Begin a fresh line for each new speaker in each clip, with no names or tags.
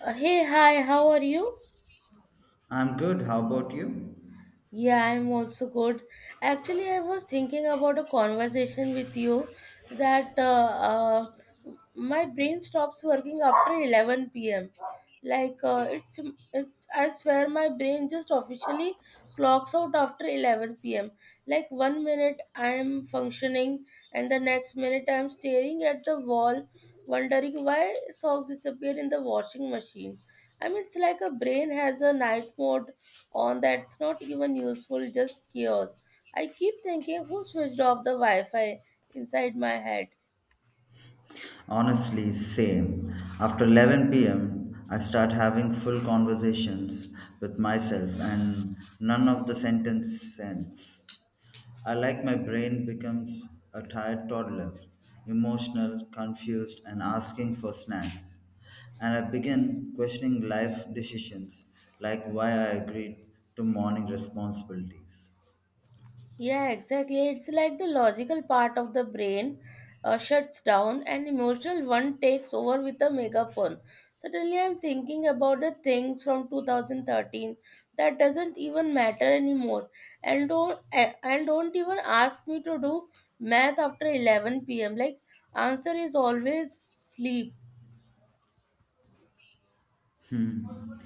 Hey, hi, how are you?
I'm good. How about you?
Yeah, I'm also good. Actually, I was thinking about a conversation with you that my brain stops working after 11 p.m. Like, it's, I swear my brain just officially clocks out after 11 p.m. Like one minute I'm functioning, and the next minute I'm staring at the wall wondering why socks disappear in the washing machine. I mean, it's like a brain has a night mode on. That's not even useful, just chaos. I keep thinking, who switched off the Wi-Fi inside my head?
Honestly, same. After 11 p.m., I start having full conversations with myself and none of the sentence sense. I like my brain becomes a tired toddler, emotional, confused, and asking for snacks. And I begin questioning life decisions like why I agreed to morning responsibilities.
Yeah, exactly. It's like the logical part of the brain shuts down and emotional one takes over with a megaphone. Suddenly, I'm thinking about the things from 2013 that doesn't even matter anymore, and don't even ask me to do math after 11 p.m. Like, answer is always sleep.
Hmm.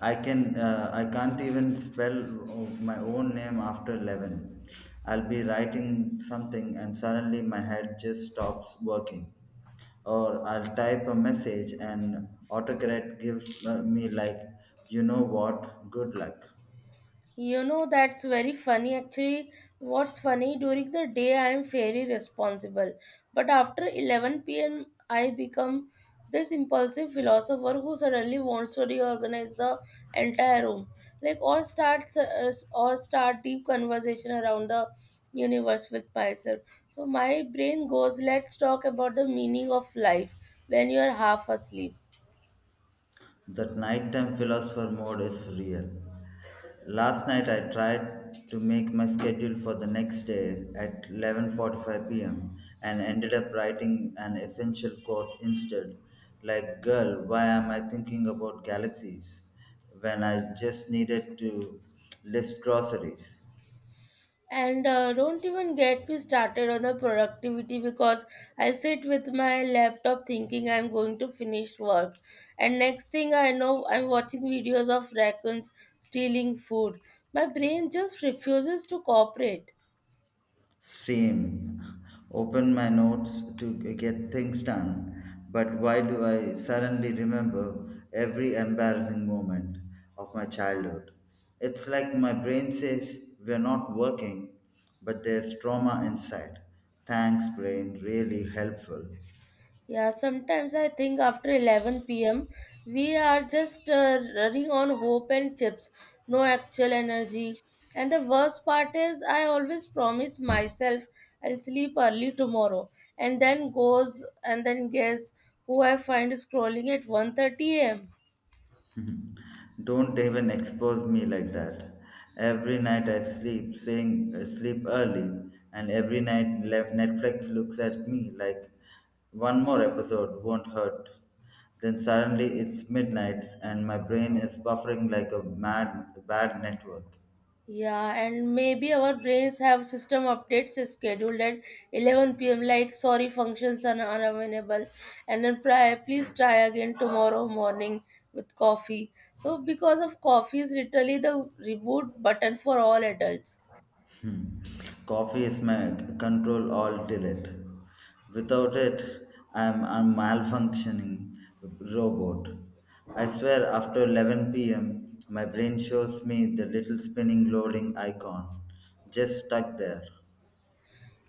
I can't even spell my own name after 11. I'll be writing something and suddenly my head just stops working. Or I'll type a message and autocorrect gives me, like, you know what, good luck.
You know, that's very funny. Actually, what's funny, during the day I am very responsible, but after 11 p.m., I become this impulsive philosopher who suddenly wants to reorganize the entire room, like or start deep conversation around the universe with myself. So my brain goes, let's talk about the meaning of life when you are half asleep.
That nighttime philosopher mode is real. Last night I tried to make my schedule for the next day at 11:45 p.m. and ended up writing an essential quote instead, like, "Girl, why am I thinking about galaxies when I just needed to list groceries?"
And don't even get me started on the productivity because I sit with my laptop thinking I'm going to finish work. And next thing I know, I'm watching videos of raccoons stealing food. My brain just refuses to cooperate.
Same. Open my notes to get things done. But why do I suddenly remember every embarrassing moment of my childhood? It's like my brain says we're not working, but there's trauma inside. Thanks, brain, really helpful.
Yeah, sometimes I think after 11 p.m., we are just running on hope and chips, no actual energy. And the worst part is, I always promise myself I'll sleep early tomorrow, and then goes and then guess who I find scrolling at one thirty am.
Don't even expose me like that. Every night I sleep saying sleep early, and every night Netflix looks at me like one more episode won't hurt. Then suddenly it's midnight, and my brain is buffering like a mad bad network.
Yeah, and maybe our brains have system updates scheduled at 11 p.m. Like, sorry, functions are unavailable, and then please try again tomorrow morning with coffee. So, because of coffee is literally the reboot button for all adults.
Hmm. Coffee is my control alt delete. Without it, I am a malfunctioning robot. I swear, after 11 p.m., my brain shows me the little spinning loading icon, just stuck there.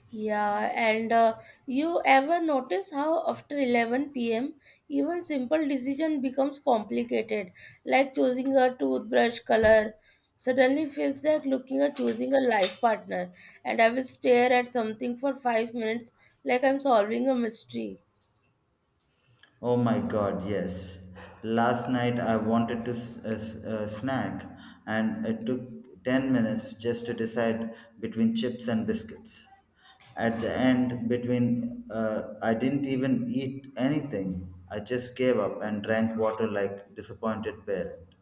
Yeah, and you ever notice how after 11 p.m., even simple decision becomes complicated, like choosing a toothbrush color. Suddenly feels like looking or choosing a life partner, and I will stare at something for 5 minutes like I'm solving a mystery.
Oh my god, yes. Last night I wanted to snack, and it took 10 minutes just to decide between chips and biscuits. At the end, between I didn't even eat anything. I just gave up and drank water like disappointed parent.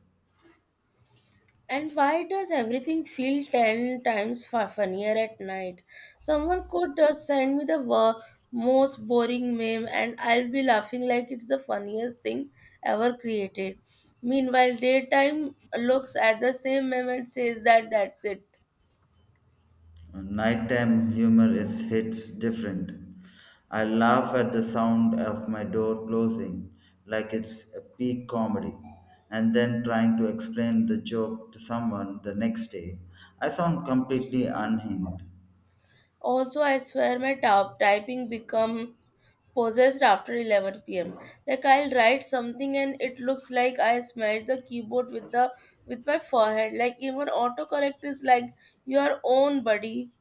And why does everything feel 10 times funnier at night? Someone could send me the most boring meme, and I'll be laughing like it's the funniest thing ever created. Meanwhile, daytime looks at the same meme and says that that's it.
Nighttime humor is hits different. I laugh at the sound of my door closing like it's a peak comedy, and then trying to explain the joke to someone the next day, I sound completely unhinged.
Also, I swear my top typing becomes possessed after 11 p.m. Like I'll write something and it looks like I smashed the keyboard with the with my forehead. Like even autocorrect is like your own buddy.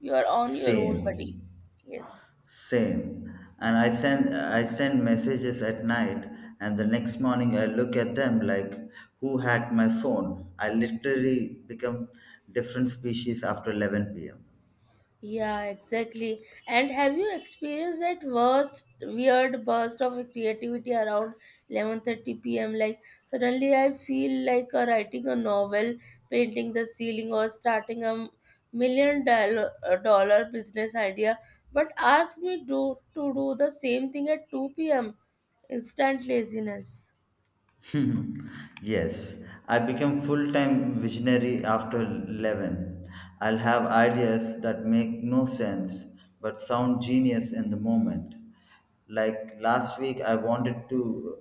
You are on your own buddy.
Same.
Yes.
Same. And I send messages at night, and the next morning I look at them like who hacked my phone. I literally become different species after 11 p.m.
Yeah, exactly. And have you experienced that worst weird burst of creativity around 11:30 p.m.? Like, suddenly I feel like writing a novel, painting the ceiling, or starting a million dollar, business idea, but ask me do to do the same thing at 2 p.m. Instant laziness.
Yes, I became full-time visionary after 11. I'll have ideas that make no sense but sound genius in the moment. Like last week, I wanted to,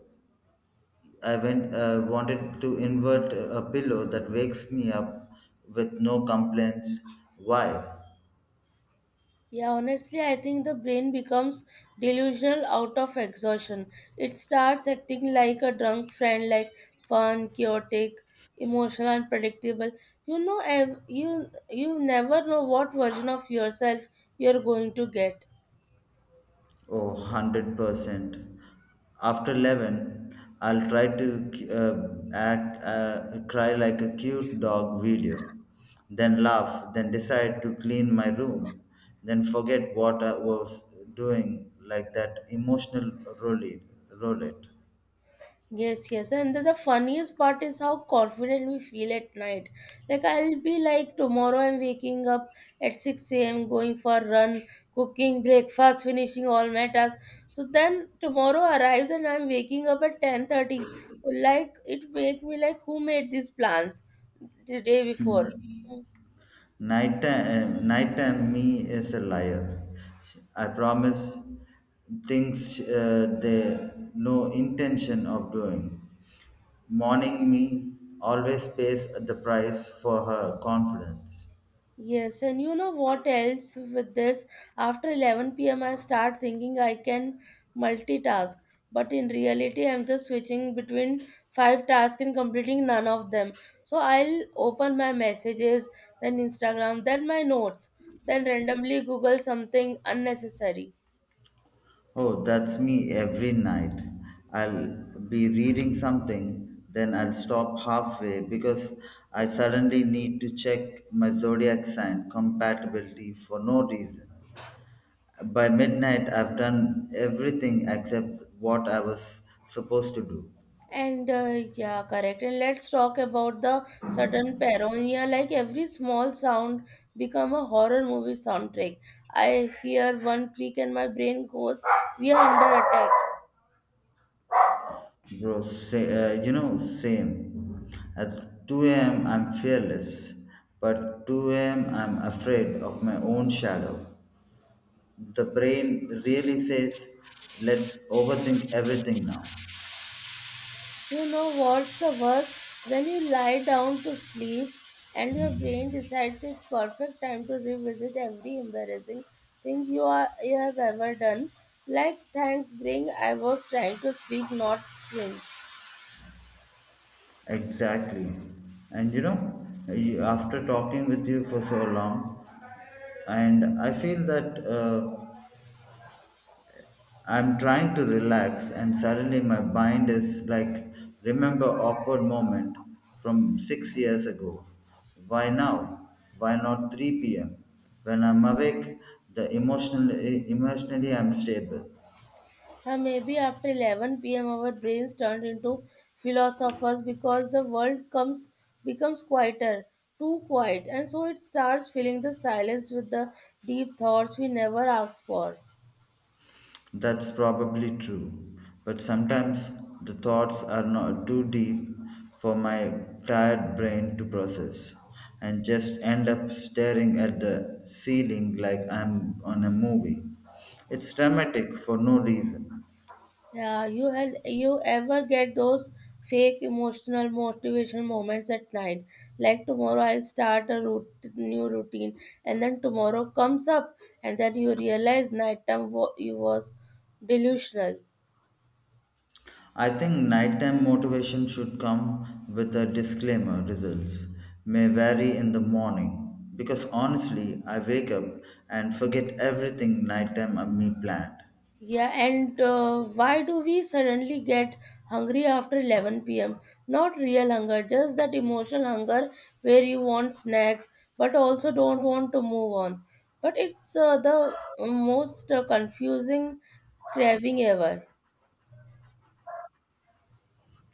I went, uh, wanted to invert a pillow that wakes me up with no complaints. Why?
Yeah, honestly, I think the brain becomes delusional out of exhaustion. It starts acting like a drunk friend, like fun, chaotic, emotional, unpredictable. You know, you never know what version of yourself you're going to get.
Oh, 100%. After 11, I'll try to cry like a cute dog video, then laugh, then decide to clean my room, then forget what I was doing, like that emotional roulette. roulette.
Yes, yes. And the funniest part is how confident we feel at night. Like I'll be like tomorrow I'm waking up at 6 a.m. going for a run, cooking breakfast, finishing all my tasks. So then tomorrow arrives and I'm waking up at 10:30. Like it make me like who made these plans the day before.
Nighttime me is a liar. I promise things they no intention of doing. Mourning me always pays the price for her confidence.
Yes, and you know what else with this? After 11 p.m., I start thinking I can multitask, but in reality, I'm just switching between five tasks and completing none of them. So I'll open my messages, then Instagram, then my notes, then randomly Google something unnecessary.
Oh, that's me every night. I'll be reading something, then I'll stop halfway because I suddenly need to check my zodiac sign compatibility for no reason. By midnight, I've done everything except what I was supposed to do.
And Yeah, correct. And let's talk about the sudden paranoia. Like every small sound become a horror movie soundtrack. I hear one creak and my brain goes, "We are under attack."
Bro, say, same. At 2 a.m., I'm fearless, but 2 a.m., I'm afraid of my own shadow. The brain really says, let's overthink everything now.
You know what's the worst? When you lie down to sleep and your brain decides it's perfect time to revisit every embarrassing thing you have ever done. Like thanks, bring. I was trying to sleep, not swim.
Exactly. And after talking with you for so long, and I feel that I'm trying to relax, and suddenly my mind is like, remember awkward moment from 6 years ago. Why now? Why not 3 p.m.? When I'm awake, emotionally I'm stable.
And maybe after 11 p.m., our brains turn into philosophers because the world comes becomes quieter, too quiet, and so it starts filling the silence with the deep thoughts we never ask for.
That's probably true, but sometimes the thoughts are not too deep for my tired brain to process, and just end up staring at the ceiling like I'm on a movie. It's dramatic for no reason.
Yeah, you ever get those fake emotional motivation moments at night? Like tomorrow, I'll start a new routine, and then tomorrow comes up, and then you realize nighttime you was delusional.
I think nighttime motivation should come with a disclaimer, results may vary, in the morning, because honestly I wake up and forget everything nighttime me planned.
Yeah, and why do we suddenly get hungry after 11 p.m.? Not real hunger, just that emotional hunger where you want snacks but also don't want to move on. But it's the most confusing craving ever.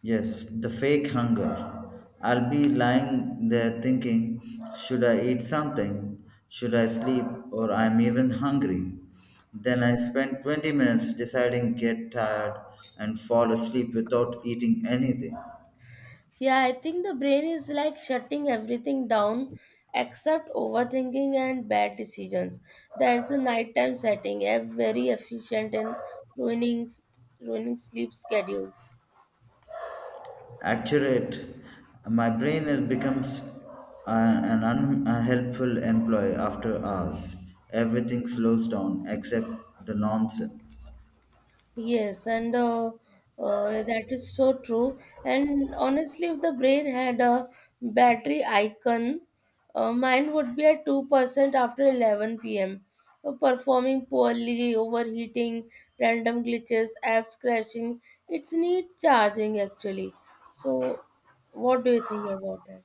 Yes, the fake hunger. I'll be lying there thinking, should I eat something? Should I sleep? Or I'm even hungry? Then I spend 20 minutes deciding, get tired, and fall asleep without eating anything.
Yeah, I think the brain is like shutting everything down except overthinking and bad decisions. That's a nighttime setting, eh, very efficient in ruining, ruining sleep schedules.
Accurate. My brain is becomes an unhelpful employee after hours. Everything slows down except the nonsense.
Yes, and that is so true. And honestly, if the brain had a battery icon, mine would be at 2% after 11 pm. Performing poorly, overheating, random glitches, apps crashing. It's need charging actually. So, what do you think about that?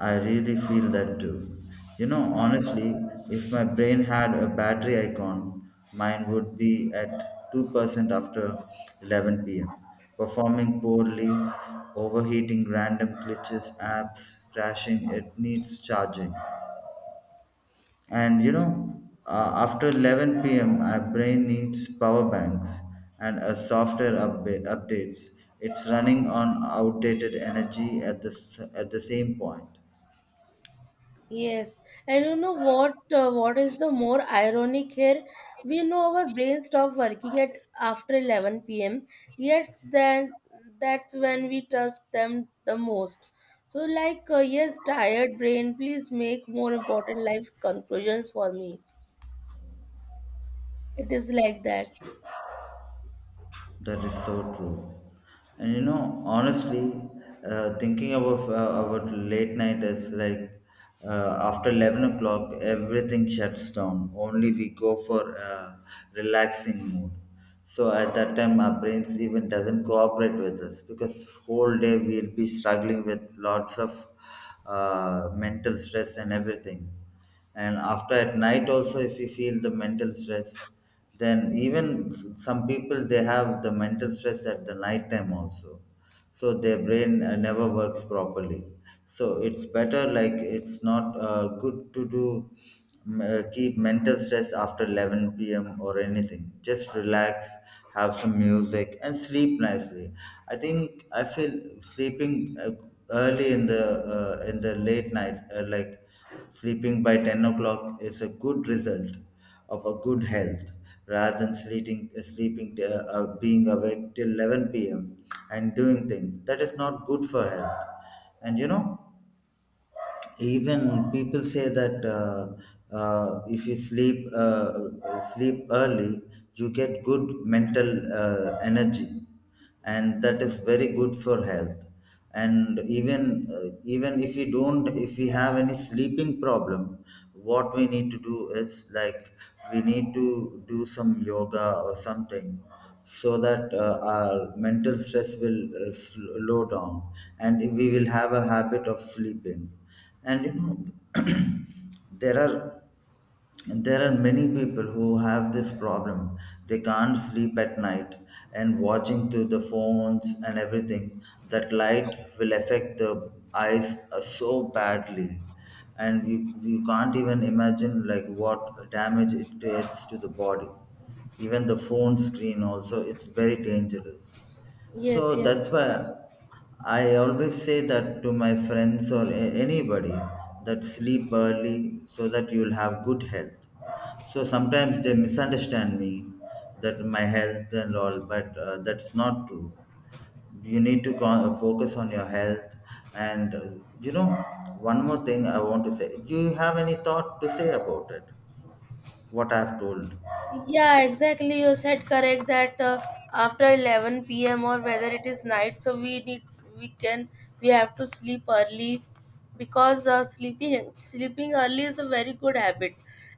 I really feel that too. Honestly, if my brain had a battery icon, mine would be at 2% after 11 p.m., performing poorly, overheating, random glitches, apps crashing, it needs charging. And after 11 p.m., my brain needs power banks and a software updates. It's running on outdated energy at the same point.
Yes, and you know what? What is the more ironic here? We know our brain stop working at after 11 p.m. Yet then that's when we trust them the most. So, like, yes, tired brain, please make more important life conclusions for me. It is like that.
That is so true. And honestly, thinking about late night is like, after 11 o'clock, everything shuts down. Only we go for a relaxing mode. So at that time, our brains even doesn't cooperate with us, because whole day we'll be struggling with lots of mental stress and everything, and after at night also, if you feel the mental stress, then even some people, they have the mental stress at the night time also, so their brain never works properly. So it's better, like, it's not good to keep mental stress after 11 p.m or anything. Just relax, have some music, and sleep nicely. I think I feel sleeping early in the late night, like sleeping by 10 o'clock is a good result of a good health, rather than sleeping, being awake till 11 p.m. and doing things that is not good for health. And you know, even people say that if you sleep early, you get good mental energy, and that is very good for health. And even if we have any sleeping problem, what we need to do is, like, we need to do some yoga or something, so that our mental stress will slow down, and we will have a habit of sleeping. And there are there are many people who have this problem, they can't sleep at night, and watching through the phones and everything, that light will affect the eyes so badly, and you can't even imagine like what damage it creates to the body. Even the phone screen also, it's very dangerous. So
Yes, yes,
that's why
exactly.
I always say that to my friends or anybody, that sleep early so that you'll have good health. So sometimes they misunderstand me, that my health and all, but that's not true. You need to focus on your health. And you know one more thing I want to say, do you have any thought to say about it, what I've told?
Yeah, exactly. You said correct that after 11 p.m. or whether it is night, so we need we can we have to sleep early, because sleeping early is a very good habit,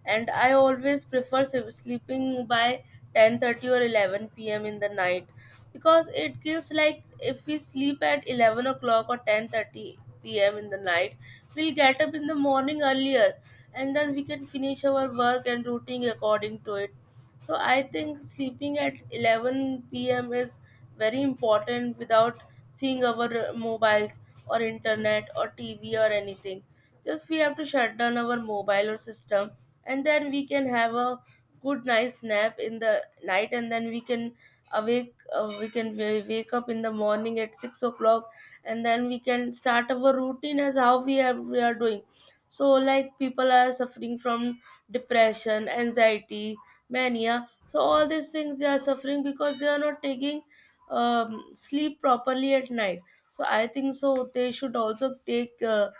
and I always prefer sleeping by 10:30 or 11 p.m. in the night, because it gives like, if we sleep at 11 o'clock or 10:30 p.m. in the night, we'll get up in the morning earlier, and then we can finish our work and routine according to it. So I think sleeping at 11 p.m. is very important, without seeing our mobiles or internet or TV or anything. Just we have to shut down our mobile or system, and then we can have a good nice nap in the night, and then we can wake up in the morning at 6 o'clock, and then we can start our routine as how we are doing. So like, people are suffering from depression, anxiety, mania. So all these things they are suffering because they are not taking sleep properly at night. So I think so they should also take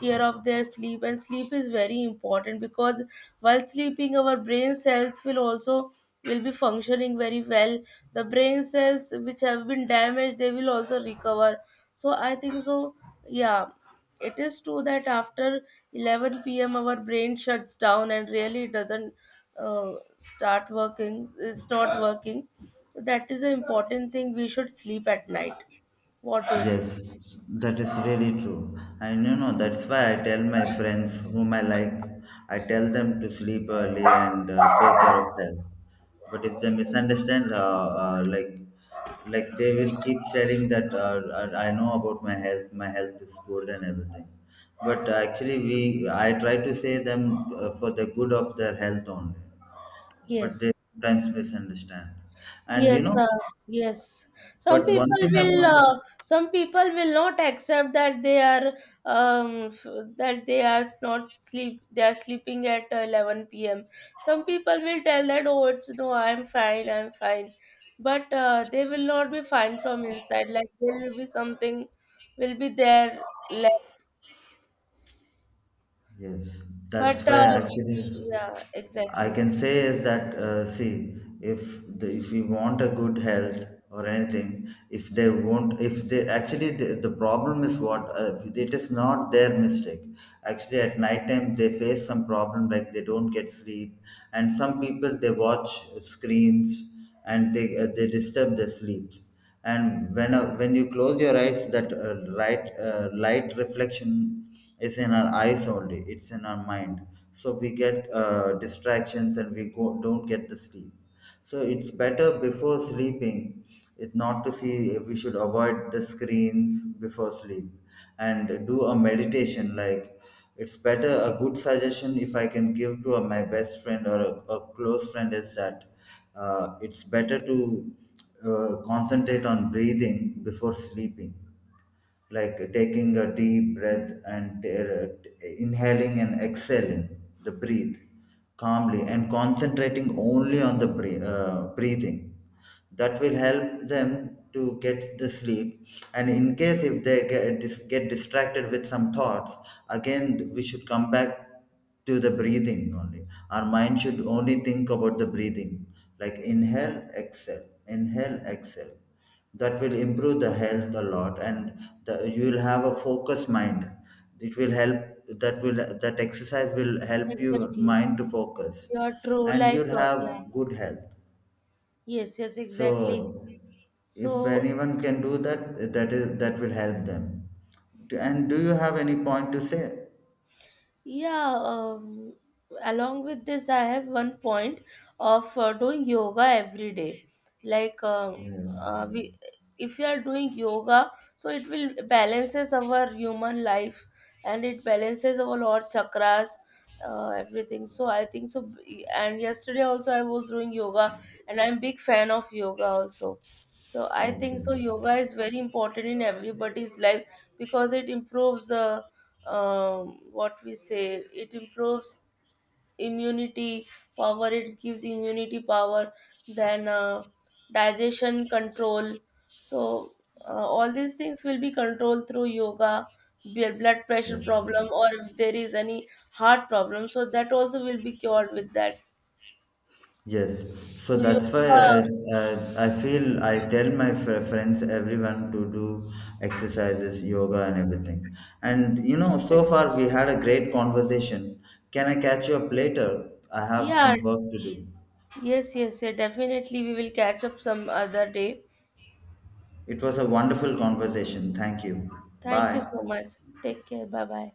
care of their sleep, and sleep is very important because while sleeping our brain cells will be functioning very well. The brain cells which have been damaged, they will also recover. So I think so. Yeah, it is true that after 11 p.m. our brain shuts down and really doesn't uh, start working. It's not working. That is an important thing. We should sleep at night. What do you think?
Yes, that is really true. And that's why I tell my friends whom I like, I tell them to sleep early and take care of health. But if they misunderstand, like they will keep telling that, I know about my health is good and everything. But actually, we I try to say them for the good of their health only. But they
Yes.
sometimes misunderstand. And
Yes, yes.
but one thing I want to.
Some people will not accept that um, f- that they are not sleep. They are sleeping at 11 p.m. Some people will tell that, oh, it's no, I'm fine, but they will not be fine from inside. Like there will be something, will be there left.
Yes,
But
that's why actually
Yeah,
I
exactly,
can say is that, see, if we want a good health or anything, if they won't if they actually the problem is, what it is not their mistake. Actually at night time they face some problem, like they don't get sleep, and some people they watch screens, and they disturb their sleep. And when you close your eyes, that light reflection is in our eyes only, it's in our mind, so we get distractions, and we don't get the sleep. So it's better, before sleeping, it not to see we should avoid the screens before sleep, and do a meditation. Like, it's better, a good suggestion, if I can give to my best friend or a close friend, is that, it's better to concentrate on breathing before sleeping, like taking a deep breath and inhaling and exhaling the breathe calmly, and concentrating only on the breathing. That will help them to get the sleep, and in case if they get distracted with some thoughts, again we should come back to the breathing, only our mind should only think about the breathing, like inhale, exhale, inhale, exhale. That will improve the health a lot, and you will have a focused mind, it will help, that will that exercise will help your
exactly.
mind to focus.
You are true.
And
Like
you'll have
yeah,
good health.
yes, yes, exactly.
So if
So,
anyone can do that, that is, that will help them. And do you have any point to say?
yeah, along with this, I have one point of doing yoga every day. Like,
Yeah.
uh, we, if you are doing yoga, so it will balances our human life, and it balances our lot chakras, everything. So I think so. And yesterday also I was doing yoga, and I'm big fan of yoga also. So I think so
Okay.
yoga is very important in everybody's life because it improves, what we say, it improves immunity power, it gives immunity power, then digestion control. So all these things will be controlled through yoga. Blood pressure problem, or
Yes.
if there is any heart problem, so that also will be cured with that.
Yes. So
So
that's why I,
yoga,
I feel I tell my friends, everyone, to do exercises, yoga and everything. And so far we had a great conversation. Can I catch you up later? I have
yeah.
some work to do.
Yes, yes, yeah, definitely. We will catch up some other day.
It was a wonderful conversation. Thank you.
Thank
Bye.
you so much. Take care. Bye bye.